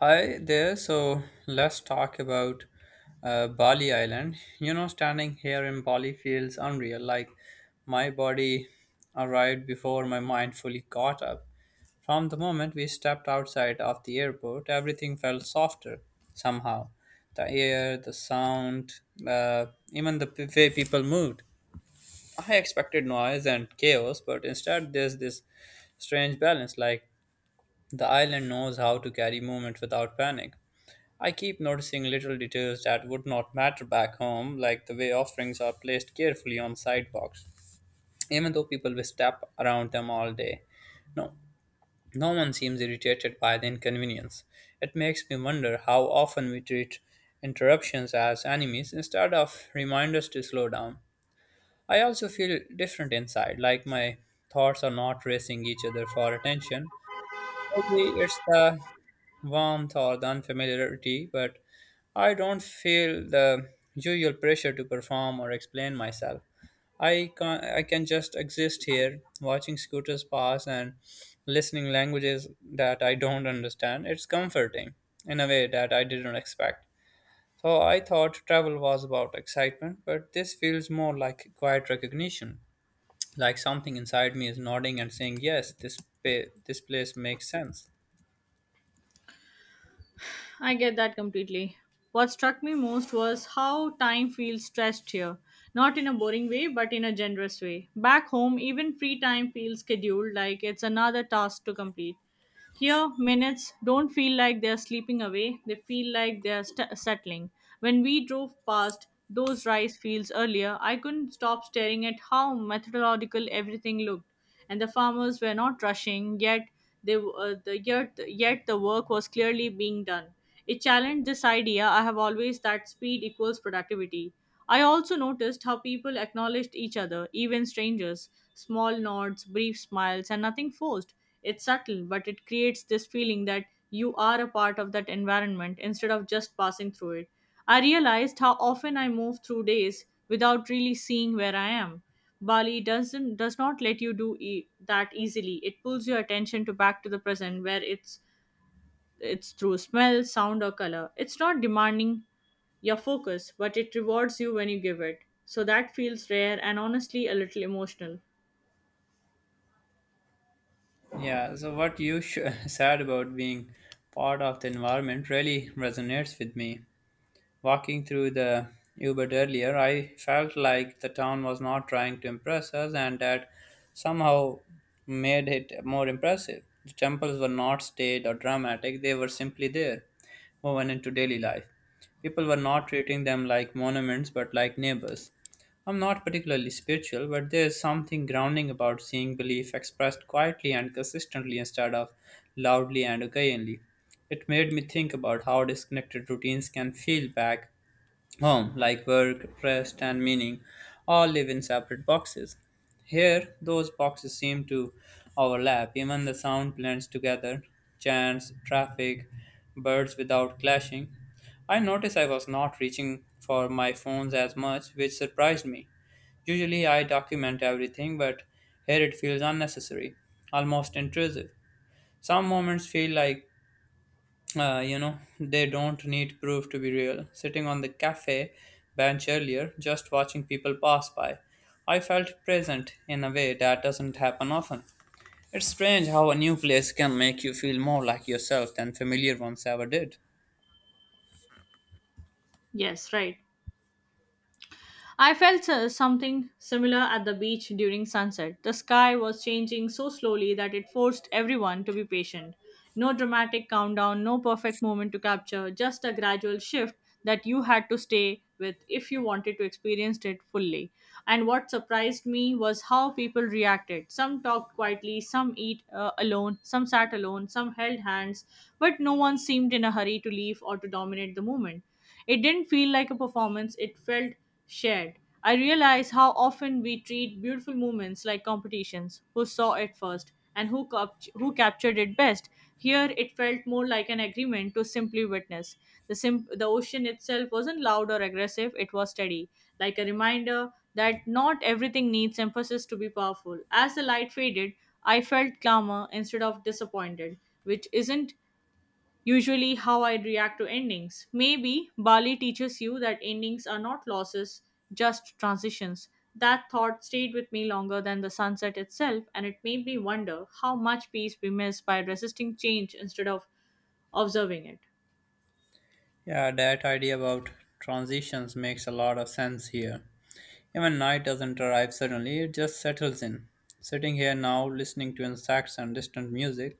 Hi there. So let's talk about Bali Island. You know, standing here in Bali feels unreal. Like my body arrived before my mind fully caught up. From the moment we stepped outside of the airport, everything felt softer somehow. The air, the sound, uh, even the way people moved. I expected noise and chaos, but instead there's this strange balance like the island knows how to carry movement without panic. I keep noticing little details that would not matter back home, like the way offerings are placed carefully on sidewalks, even though people will step around them all day. No, no one seems irritated by the inconvenience. It makes me wonder how often we treat interruptions as enemies instead of reminders to slow down. I also feel different inside, like my thoughts are not racing each other for attention. Maybe it's the warmth or the unfamiliarity, but I don't feel the usual pressure to perform or explain myself. I can just exist here, watching scooters pass and listening languages that I don't understand. It's comforting in a way that I didn't expect. So I thought travel was about excitement, but this feels more like quiet recognition, like something inside me is nodding and saying, "Yes, this this place makes sense." I get that completely. What struck me most was how time feels stretched here. Not in a boring way, but in a generous way. Back home, even free time feels scheduled like it's another task to complete. Here, minutes don't feel like they're slipping away, they feel like they're settling. When we drove past those rice fields earlier, I couldn't stop staring at how methodological everything looked, and the farmers were not rushing, yet they w- the yet, yet the work was clearly being done. It challenged this idea I have always that speed equals productivity. I also noticed how people acknowledged each other, even strangers, small nods, brief smiles, and nothing forced. It's subtle, but it creates this feeling that you are a part of that environment instead of just passing through it. I realized how often I move through days without really seeing where I am. Bali does not let you do that easily. It pulls your attention to back to the present where it's through smell, sound, or color. It's not demanding your focus, but it rewards you when you give it. So that feels rare and honestly a little emotional. Yeah, so what you said about being part of the environment really resonates with me. Walking through the Ubud earlier, I felt like the town was not trying to impress us and that somehow made it more impressive. The temples were not staged or dramatic, they were simply there, woven into daily life. People were not treating them like monuments but like neighbors. I'm not particularly spiritual, but there is something grounding about seeing belief expressed quietly and consistently instead of loudly and occasionally. It made me think about how disconnected routines can feel back home, like work, rest, and meaning all live in separate boxes. Here, those boxes seem to overlap, even the sound blends together chants, traffic, birds without clashing. I noticed I was not reaching for my phones as much, which surprised me. Usually I document everything, but here it feels unnecessary, almost intrusive. Some moments feel like they don't need proof to be real. Sitting on the cafe bench earlier, just watching people pass by, I felt present in a way that doesn't happen often. It's strange how a new place can make you feel more like yourself than familiar ones ever did. Yes, right. I felt something similar at the beach during sunset. The sky was changing so slowly that it forced everyone to be patient. No dramatic countdown, no perfect moment to capture, just a gradual shift that you had to stay with if you wanted to experience it fully. And what surprised me was how people reacted. Some talked quietly, some eat alone, some sat alone, some held hands, but no one seemed in a hurry to leave or to dominate the moment. It didn't feel like a performance, it felt shared. I realized how often we treat beautiful moments like competitions, who saw it first and who captured it best. Here, it felt more like an agreement to simply witness. The ocean itself wasn't loud or aggressive, it was steady, like a reminder that not everything needs emphasis to be powerful. As the light faded, I felt calmer instead of disappointed, which isn't usually how I react to endings. Maybe Bali teaches you that endings are not losses, just transitions. That thought stayed with me longer than the sunset itself, and it made me wonder how much peace we miss by resisting change instead of observing it. Yeah, that idea about transitions makes a lot of sense here. Even night doesn't arrive suddenly, it just settles in. Sitting here now, listening to insects and distant music,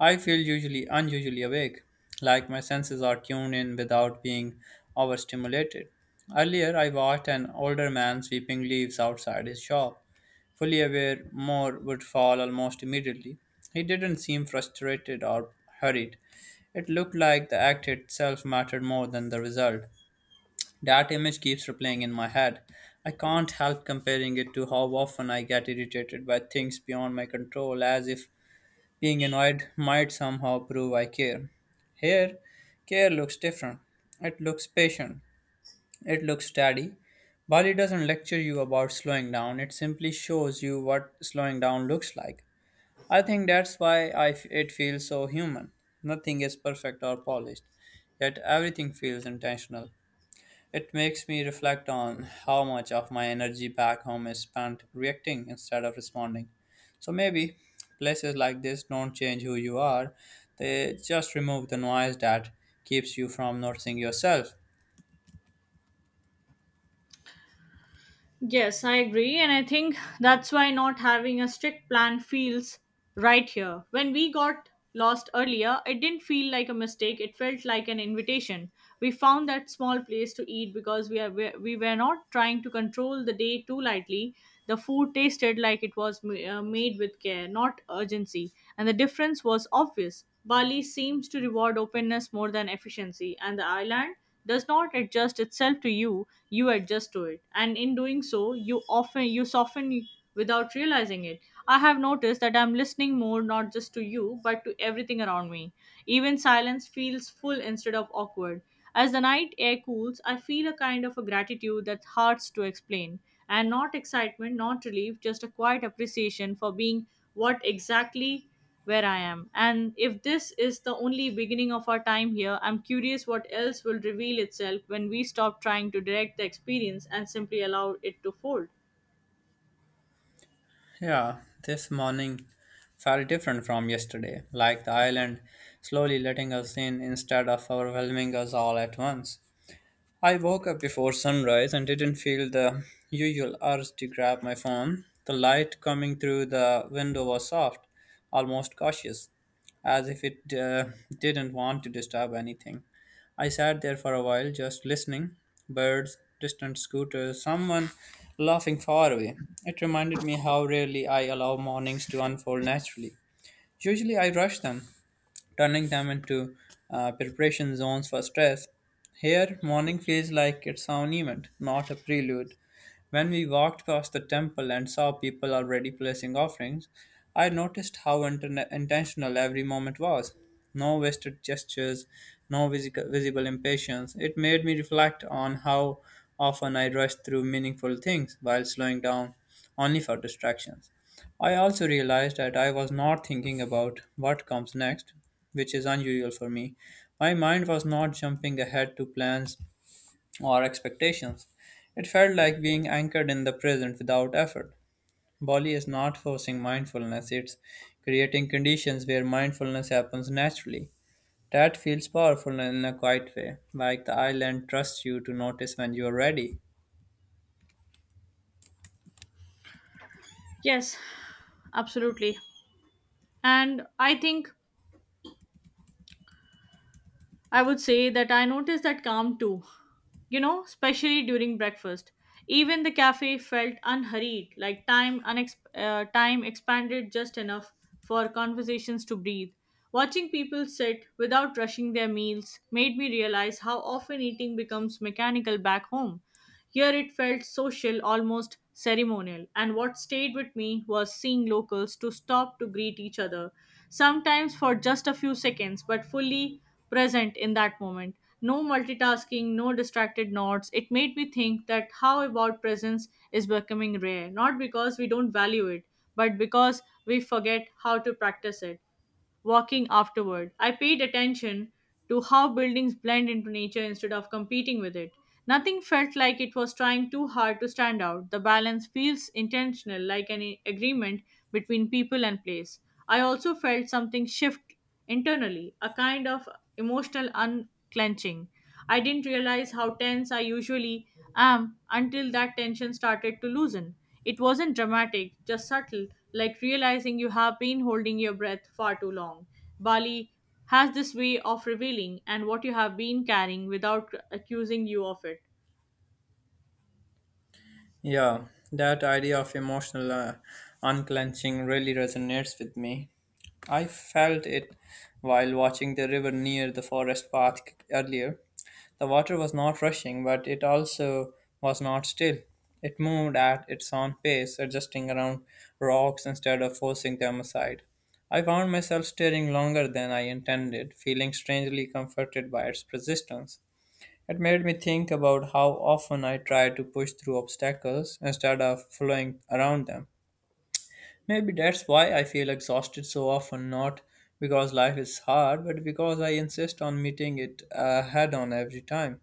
I feel usually unusually awake, like my senses are tuned in without being overstimulated. Earlier, I watched an older man sweeping leaves outside his shop, fully aware more would fall almost immediately. He didn't seem frustrated or hurried. It looked like the act itself mattered more than the result. That image keeps replaying in my head. I can't help comparing it to how often I get irritated by things beyond my control, as if being annoyed might somehow prove I care. Here, care looks different. It looks patient. It looks steady. Bali doesn't lecture you about slowing down, it simply shows you what slowing down looks like. I think that's why I it feels so human. Nothing is perfect or polished, yet everything feels intentional. It makes me reflect on how much of my energy back home is spent reacting instead of responding. So maybe places like this don't change who you are, they just remove the noise that keeps you from noticing yourself. Yes, I agree. And I think that's why not having a strict plan feels right here. When we got lost earlier, it didn't feel like a mistake. It felt like an invitation. We found that small place to eat because we were not trying to control the day too lightly. The food tasted like it was made with care, not urgency. And the difference was obvious. Bali seems to reward openness more than efficiency, and the island does not adjust itself to you, you adjust to it, and in doing so you often you soften without realizing it. I have noticed that I'm listening more, not just to you but to everything around me. Even silence feels full instead of awkward. As the night air cools, I feel a kind of a gratitude that hurts to explain, and not excitement, not relief, just a quiet appreciation for being what exactly where I am. And if this is the only beginning of our time here, I'm curious what else will reveal itself when we stop trying to direct the experience and simply allow it to fold. Yeah, this morning felt different from yesterday, like the island slowly letting us in instead of overwhelming us all at once. I woke up before sunrise and didn't feel the usual urge to grab my phone. The light coming through the window was soft, almost cautious, as if it didn't want to disturb anything. I sat there for a while, just listening birds, distant scooters, someone laughing far away. It reminded me how rarely I allow mornings to unfold naturally. Usually I rush them, turning them into preparation zones for stress. Here, morning feels like it's an event, not a prelude. When we walked past the temple and saw people already placing offerings, I noticed how intentional every moment was. No wasted gestures, no visible impatience. It made me reflect on how often I rush through meaningful things while slowing down only for distractions. I also realized that I was not thinking about what comes next which is unusual for me. My mind was not jumping ahead to plans or expectations. It felt like being anchored in the present without effort. Bali is not forcing mindfulness, it's creating conditions where mindfulness happens naturally. That feels powerful in a quiet way, like the island trusts you to notice when you are ready. Yes, absolutely. And I think I would say that I noticed that calm too. Especially during breakfast. Even the cafe felt unhurried, like time expanded just enough for conversations to breathe. Watching people sit without rushing their meals made me realize how often eating becomes mechanical back home. Here it felt social, almost ceremonial, and what stayed with me was seeing locals to stop to greet each other, sometimes for just a few seconds, but fully present in that moment. No multitasking, no distracted nods. It made me think that how about presence is becoming rare, not because we don't value it, but because we forget how to practice it walking afterward. I paid attention to how buildings blend into nature instead of competing with it. Nothing felt like it was trying too hard to stand out. The balance feels intentional, like an agreement between people and place. I also felt something shift internally, a kind of emotional unclenching. I didn't realize how tense I usually am until that tension started to loosen. It wasn't dramatic, just subtle, like realizing you have been holding your breath far too long. Bali has this way of revealing and what you have been carrying without accusing you of it. Yeah, that idea of emotional unclenching really resonates with me. I felt it while watching the river near the forest path earlier. The water was not rushing, but it also was not still. It moved at its own pace, adjusting around rocks instead of forcing them aside. I found myself staring longer than I intended, feeling strangely comforted by its persistence. It made me think about how often I try to push through obstacles instead of flowing around them. Maybe that's why I feel exhausted so often, not because life is hard, but because I insist on meeting it head on every time.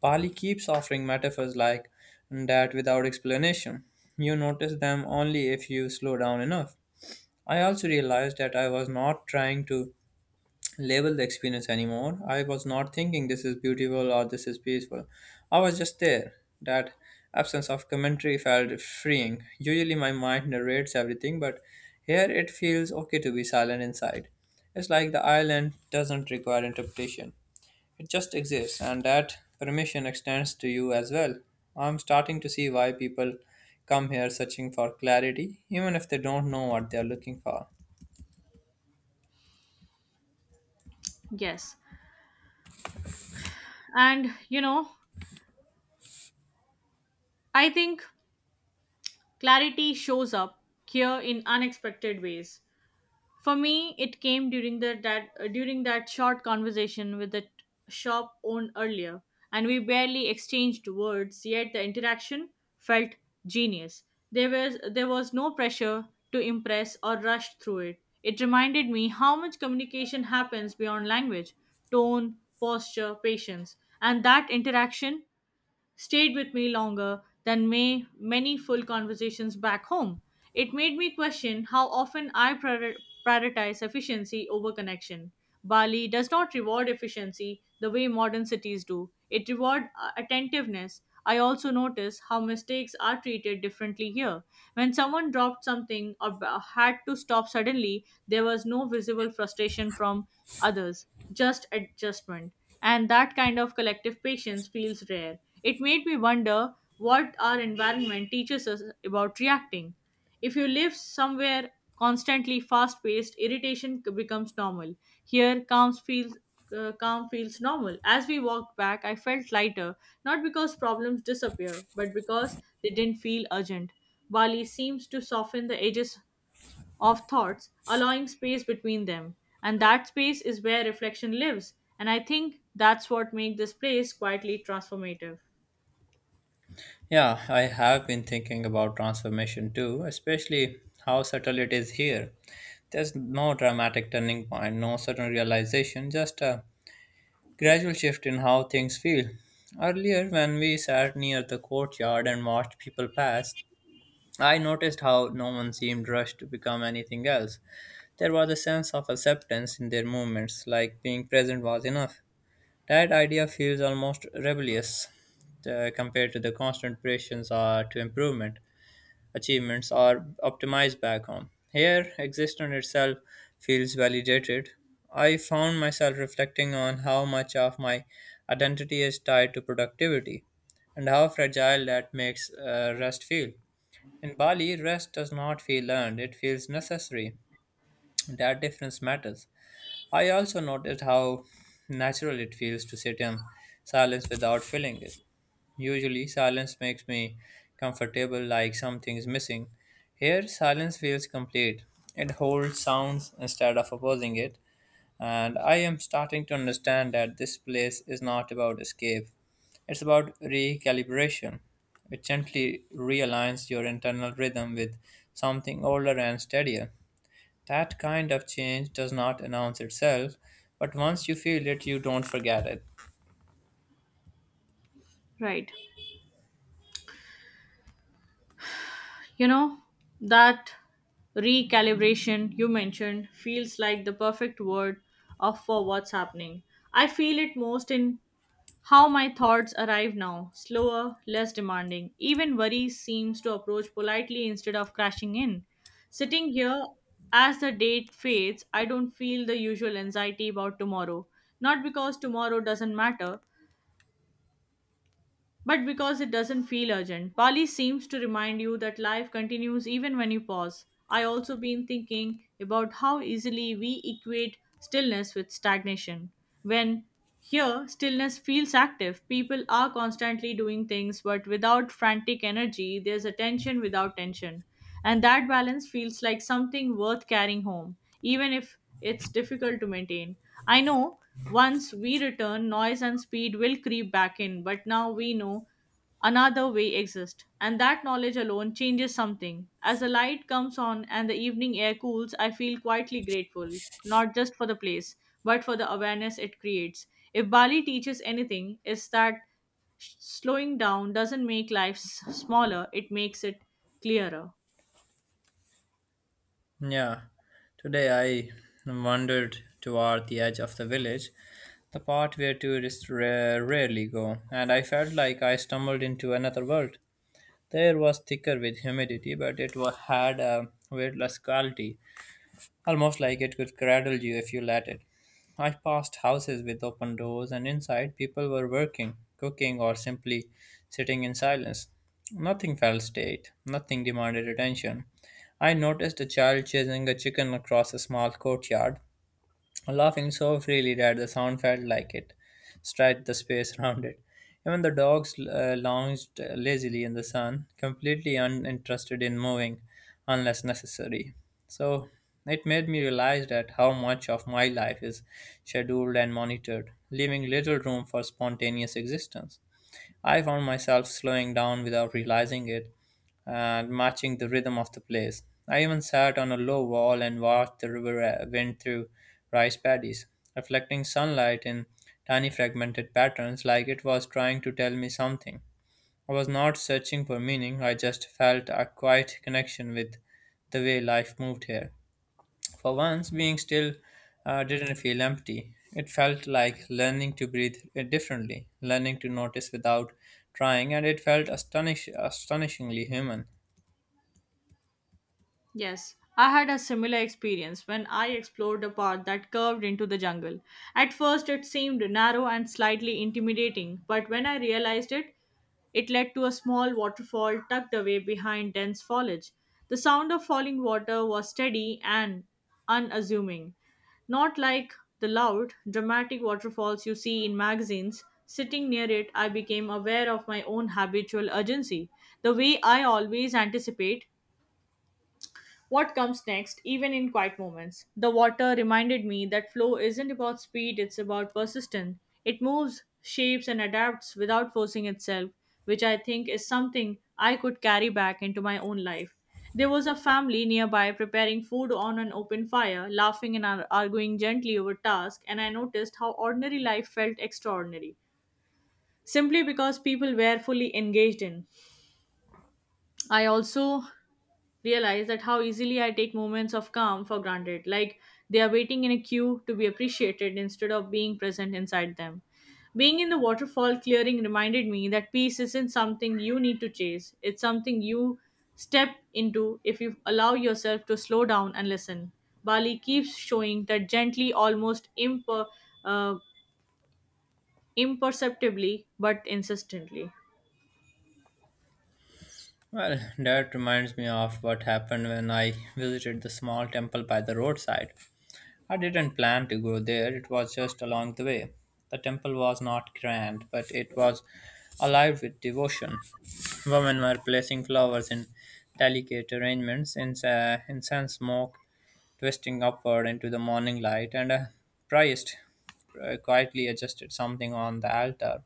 Pali keeps offering metaphors like that without explanation. You notice them only if you slow down enough. I also realized that I was not trying to label the experience anymore. I was not thinking this is beautiful or this is peaceful. I was just there. That absence of commentary felt freeing. Usually my mind narrates everything, but here it feels okay to be silent inside. It's like the island doesn't require interpretation. It just exists, and that permission extends to you as well. I'm starting to see why people come here searching for clarity, even if they don't know what they are looking for. Yes. And, you know, I think clarity shows up here in unexpected ways. For me, it came during the that during that short conversation with the shop owned earlier, and we barely exchanged words. Yet the interaction felt genius. There was no pressure to impress or rush through it. It reminded me how much communication happens beyond language, tone, posture, patience, and that interaction stayed with me longer than many full conversations back home. It made me question how often I prioritize efficiency over connection. Bali does not reward efficiency the way modern cities do. It rewards attentiveness. I also notice how mistakes are treated differently here. When someone dropped something or had to stop suddenly, there was no visible frustration from others, just adjustment. And that kind of collective patience feels rare. It made me wonder what our environment teaches us about reacting. If you live somewhere constantly fast paced, irritation becomes normal. Here, calm feels normal. As we walked back, I felt lighter, not because problems disappear, but because they didn't feel urgent. Bali seems to soften the edges of thoughts, allowing space between them. And that space is where reflection lives. And I think that's what makes this place quietly transformative. Yeah, I have been thinking about transformation too, especially how subtle it is here. There's no dramatic turning point, no sudden realization, just a gradual shift in how things feel. Earlier, when we sat near the courtyard and watched people pass, I noticed how no one seemed rushed to become anything else. There was a sense of acceptance in their movements, like being present was enough. That idea feels almost rebellious compared to the constant pressures to improvement achievements are optimized back home. Here, existence itself feels validated. I found myself reflecting on how much of my identity is tied to productivity and how fragile that makes rest feel. In Bali, rest does not feel earned, it feels necessary. That difference matters. I also noticed how natural it feels to sit in silence without feeling it. Usually, silence makes me comfortable, like something's missing. Here, silence feels complete. It holds sounds instead of opposing it, and I am starting to understand that this place is not about escape. It's about recalibration. It gently realigns your internal rhythm with something older and steadier. That kind of change does not announce itself, but once you feel it, you don't forget it. Right. You know, that recalibration you mentioned feels like the perfect word of for what's happening. I feel it most in how my thoughts arrive now, slower, less demanding. Even worry seems to approach politely instead of crashing in. Sitting here, as the date fades, I don't feel the usual anxiety about tomorrow. Not because tomorrow doesn't matter, but because it doesn't feel urgent. Bali seems to remind you that life continues even when you pause. I also been thinking about how easily we equate stillness with stagnation. When here stillness feels active, people are constantly doing things but without frantic energy, there's attention without tension. And that balance feels like something worth carrying home, even if it's difficult to maintain. I know once we return, noise and speed will creep back in, but now we know another way exists, and that knowledge alone changes something. As the light comes on and the evening air cools, I feel quietly grateful, not just for the place, but for the awareness it creates. If Bali teaches anything, it's that slowing down doesn't make life smaller, it makes it clearer. Yeah, today I wandered toward the edge of the village, the part where tourists rarely go, and I felt like I stumbled into another world. The air was thicker with humidity, but it had a weightless quality almost like it could cradle you if you let it. I passed houses with open doors, and inside people were working, cooking, or simply sitting in silence. Nothing felt state, nothing demanded attention. I noticed a child chasing a chicken across a small courtyard, laughing so freely that the sound felt like it stretched the space around it. Even the dogs lounged lazily in the sun, completely uninterested in moving unless necessary. So it made me realize that how much of my life is scheduled and monitored, leaving little room for spontaneous existence. I found myself slowing down without realizing it and matching the rhythm of the place. I even sat on a low wall and watched the river wind through rice paddies, reflecting sunlight in tiny fragmented patterns like it was trying to tell me something. I was not searching for meaning, I just felt a quiet connection with the way life moved here. For once, being still didn't feel empty. It felt like learning to breathe differently, learning to notice without trying, and it felt astonishingly human. Yes, I had a similar experience when I explored a path that curved into the jungle. At first, it seemed narrow and slightly intimidating, but when I realized it, it led to a small waterfall tucked away behind dense foliage. The sound of falling water was steady and unassuming, not like the loud, dramatic waterfalls you see in magazines. Sitting near it, I became aware of my own habitual urgency, the way I always anticipate what comes next, even in quiet moments. The water reminded me that flow isn't about speed, it's about persistence. It moves, shapes, and adapts without forcing itself, which I think is something I could carry back into my own life. There was a family nearby preparing food on an open fire, laughing and arguing gently over tasks, and I noticed how ordinary life felt extraordinary, simply because people were fully engaged in. I also realize that how easily I take moments of calm for granted, like they are waiting in a queue to be appreciated instead of being present inside them. Being in the waterfall clearing reminded me that peace isn't something you need to chase, it's something you step into if you allow yourself to slow down and listen. Bali keeps showing that gently, uh, imperceptibly, but insistently. Well, that reminds me of what happened when I visited the small temple by the roadside. I didn't plan to go there, it was just along the way. The temple was not grand, but it was alive with devotion. Women were placing flowers in delicate arrangements, incense smoke twisting upward into the morning light, and a priest quietly adjusted something on the altar.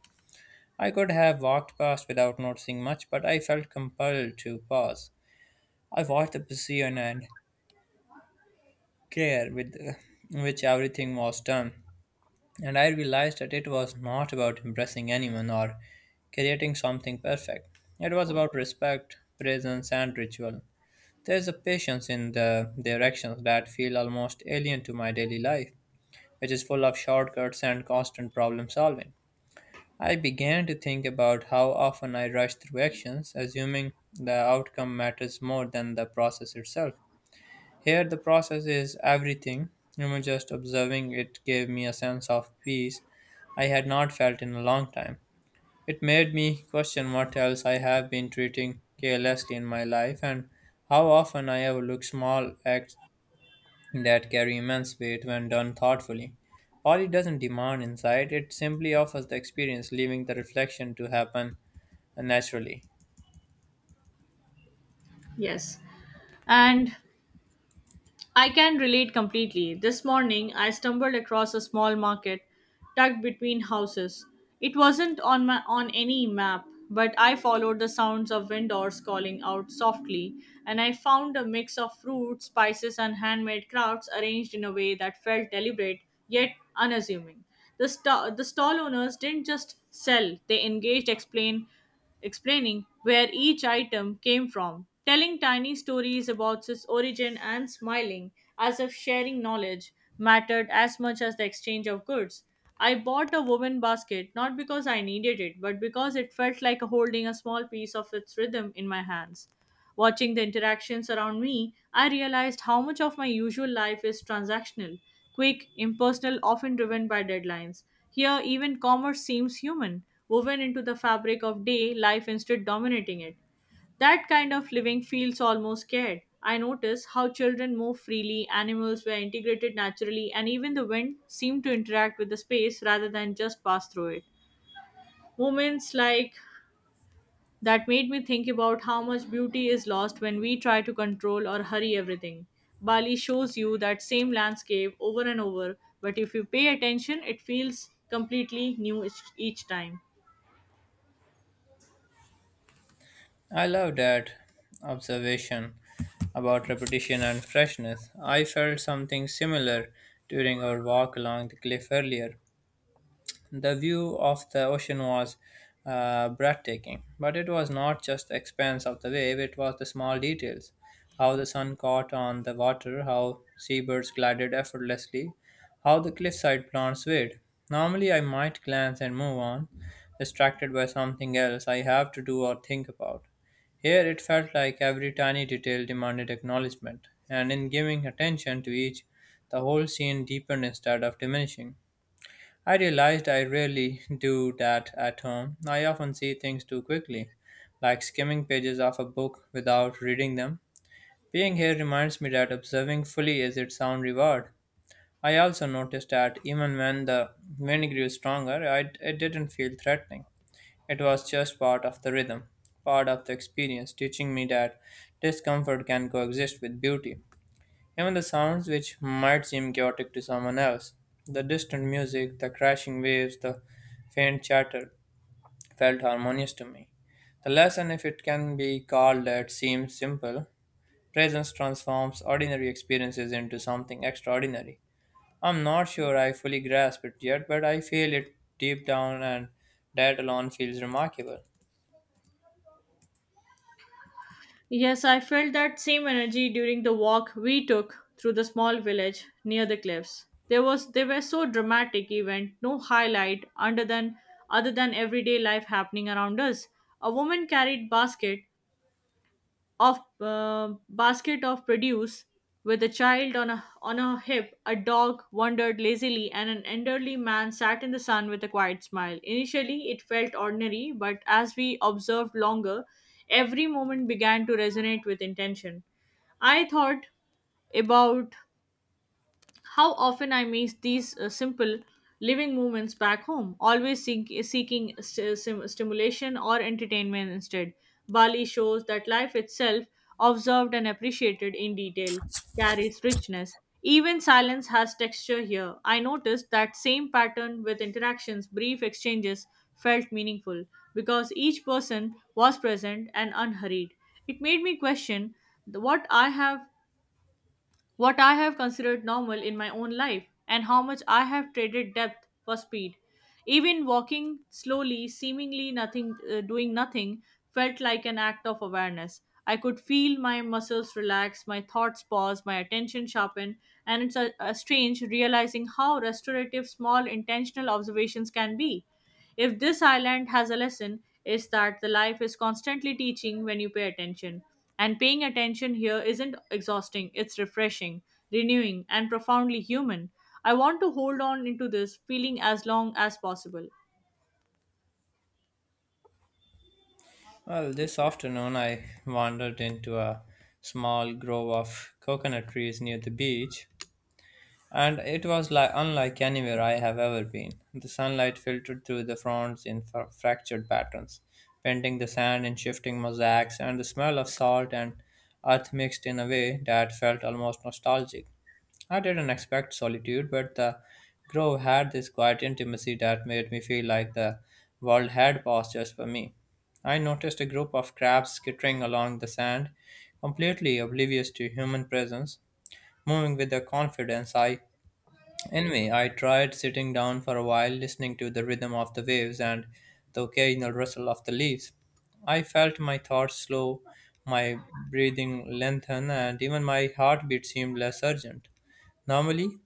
I could have walked past without noticing much, but I felt compelled to pause. I watched the precision and care with which everything was done, and I realized that it was not about impressing anyone or creating something perfect. It was about respect, presence, and ritual. There is a patience in their actions that feel almost alien to my daily life, which is full of shortcuts and constant problem solving. I began to think about how often I rush through actions, assuming the outcome matters more than the process itself. Here, the process is everything. Even just observing it gave me a sense of peace I had not felt in a long time. It made me question what else I have been treating carelessly in my life and how often I overlook small acts that carry immense weight when done thoughtfully. Poly doesn't demand insight, it simply offers the experience, leaving the reflection to happen naturally. Yes. And I can relate completely. This morning, I stumbled across a small market tucked between houses. It wasn't on on any map, but I followed the sounds of vendors calling out softly, and I found a mix of fruits, spices, and handmade crafts arranged in a way that felt deliberate yet unassuming. The stall owners didn't just sell; they engaged, explained explaining where each item came from, telling tiny stories about its origin, and smiling as if sharing knowledge mattered as much as the exchange of goods. I bought a woven basket not because I needed it, but because it felt like holding a small piece of its rhythm in my hands. Watching the interactions around me, I realized how much of my usual life is transactional, quick, impersonal, often driven by deadlines. Here, even commerce seems human, woven into the fabric of day life instead dominating it. That kind of living feels almost scared. I notice how children move freely, animals were integrated naturally, and even the wind seemed to interact with the space rather than just pass through it. Moments like that made me think about how much beauty is lost when we try to control or hurry everything. Bali shows you that same landscape over and over, but if you pay attention, it feels completely new each time. I love that observation about repetition and freshness. I felt something similar during our walk along the cliff earlier. The view of the ocean was breathtaking, but it was not just the expanse of the wave, it was the small details. How the sun caught on the water, how seabirds glided effortlessly, how the cliffside plants swayed. Normally, I might glance and move on, distracted by something else I have to do or think about. Here, it felt like every tiny detail demanded acknowledgement, and in giving attention to each, the whole scene deepened instead of diminishing. I realized I rarely do that at home. I often see things too quickly, like skimming pages of a book without reading them. Being here reminds me that observing fully is its own reward. I also noticed that even when the wind grew stronger, it didn't feel threatening. It was just part of the rhythm, part of the experience, teaching me that discomfort can coexist with beauty. Even the sounds which might seem chaotic to someone else, the distant music, the crashing waves, the faint chatter, felt harmonious to me. The lesson, if it can be called that, seems simple. Presence transforms ordinary experiences into something extraordinary. I'm not sure I fully grasp it yet, but I feel it deep down, and that alone feels remarkable. Yes, I felt that same energy during the walk we took through the small village near the cliffs. There was They were so dramatic event, no highlight under than other than everyday life happening around us. A woman carried basket of produce with a child on a hip, a dog wandered lazily, and an elderly man sat in the sun with a quiet smile. Initially it felt ordinary, but as we observed longer, every moment began to resonate with intention. I thought about how often I miss these simple living movements back home, always seeking stimulation or entertainment instead. Bali shows that life itself, observed and appreciated in detail, carries richness. Even silence has texture here. I noticed that same pattern with interactions, brief exchanges felt meaningful because each person was present and unhurried. It made me question the- what I have what I have considered normal in my own life, and how much I have traded depth for speed. Even walking slowly, seemingly nothing, doing nothing, felt like an act of awareness. I could feel my muscles relax, my thoughts pause, my attention sharpen, and it's a strange realizing how restorative small intentional observations can be. If this island has a lesson, is that the life is constantly teaching when you pay attention. And paying attention here isn't exhausting, it's refreshing, renewing, and profoundly human. I want to hold on into this feeling as long as possible. Well, this afternoon I wandered into a small grove of coconut trees near the beach, and it was like unlike anywhere I have ever been. The sunlight filtered through the fronds in fractured patterns, painting the sand in shifting mosaics, and the smell of salt and earth mixed in a way that felt almost nostalgic. I didn't expect solitude, but the grove had this quiet intimacy that made me feel like the world had paused just for me. I noticed a group of crabs skittering along the sand, completely oblivious to human presence, moving with a confidence I— anyway, I tried sitting down for a while, listening to the rhythm of the waves and the occasional rustle of the leaves. I felt my thoughts slow, my breathing lengthen, and even my heartbeat seemed less urgent. Normally,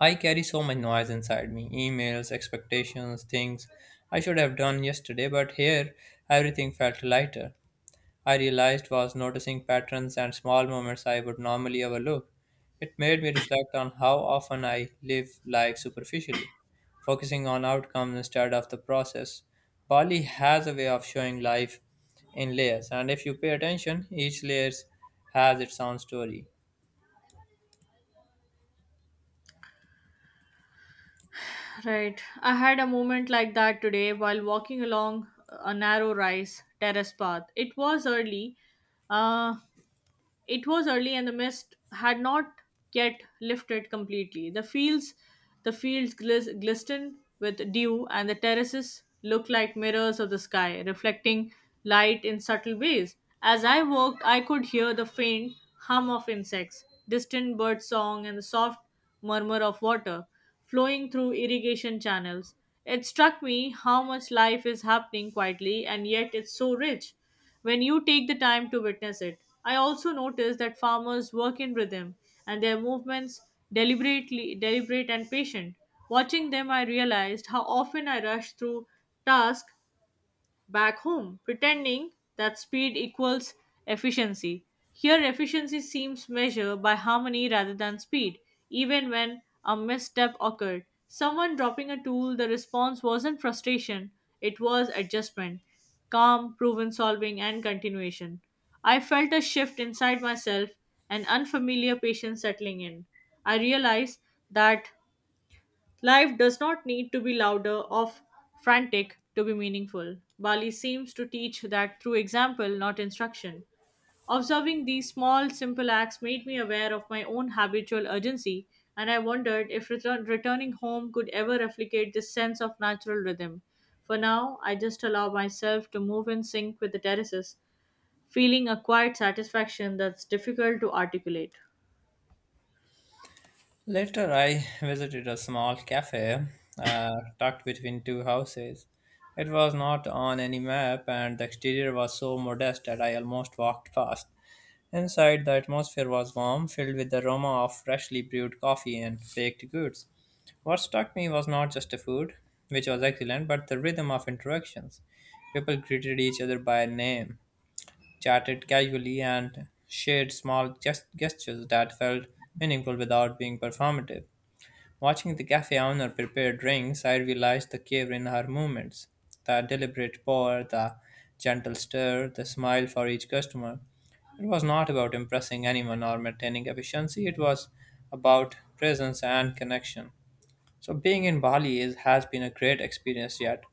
I carry so much noise inside me, emails, expectations, things I should have done yesterday, but here everything felt lighter. I realized was noticing patterns and small moments I would normally overlook. It made me reflect on how often I live life superficially, focusing on outcomes instead of the process. Bali has a way of showing life in layers, and if you pay attention, each layer has its own story. Right. I had a moment like that today while walking along a narrow rice terrace path. Uh, It was early and the mist had not yet lifted completely. The fields glistened with dew, and the terraces looked like mirrors of the sky, reflecting light in subtle ways. As I walked, I could hear the faint hum of insects, distant bird song, and the soft murmur of water flowing through irrigation channels. It struck me how much life is happening quietly, and yet it's so rich when you take the time to witness it. I also notice that farmers work in rhythm, and their movements deliberately deliberate and patient. Watching them, I realized how often I rush through tasks back home, pretending that speed equals efficiency. Here, efficiency seems measured by harmony rather than speed, even when a misstep occurred. Someone dropping a tool, the response wasn't frustration, it was adjustment, calm, proven solving, and continuation. I felt a shift inside myself, an unfamiliar patience settling in. I realized that life does not need to be louder or frantic to be meaningful. Bali seems to teach that through example, not instruction. Observing these small, simple acts made me aware of my own habitual urgency, and I wondered if returning home could ever replicate this sense of natural rhythm. For now, I just allow myself to move in sync with the terraces, feeling a quiet satisfaction that's difficult to articulate. Later, I visited a small cafe tucked between two houses. It was not on any map, and the exterior was so modest that I almost walked past. Inside, the atmosphere was warm, filled with the aroma of freshly brewed coffee and baked goods. What struck me was not just the food, which was excellent, but the rhythm of interactions. People greeted each other by name, chatted casually, and shared small gestures that felt meaningful without being performative. Watching the cafe owner prepare drinks, I realized the care in her movements. The deliberate pour, the gentle stir, the smile for each customer. It was not about impressing anyone or maintaining efficiency, it was about presence and connection. So, being in Bali has been a great experience yet.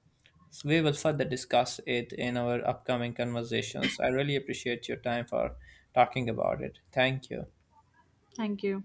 So we will further discuss it in our upcoming conversations. I really appreciate your time for talking about it. Thank you. Thank you.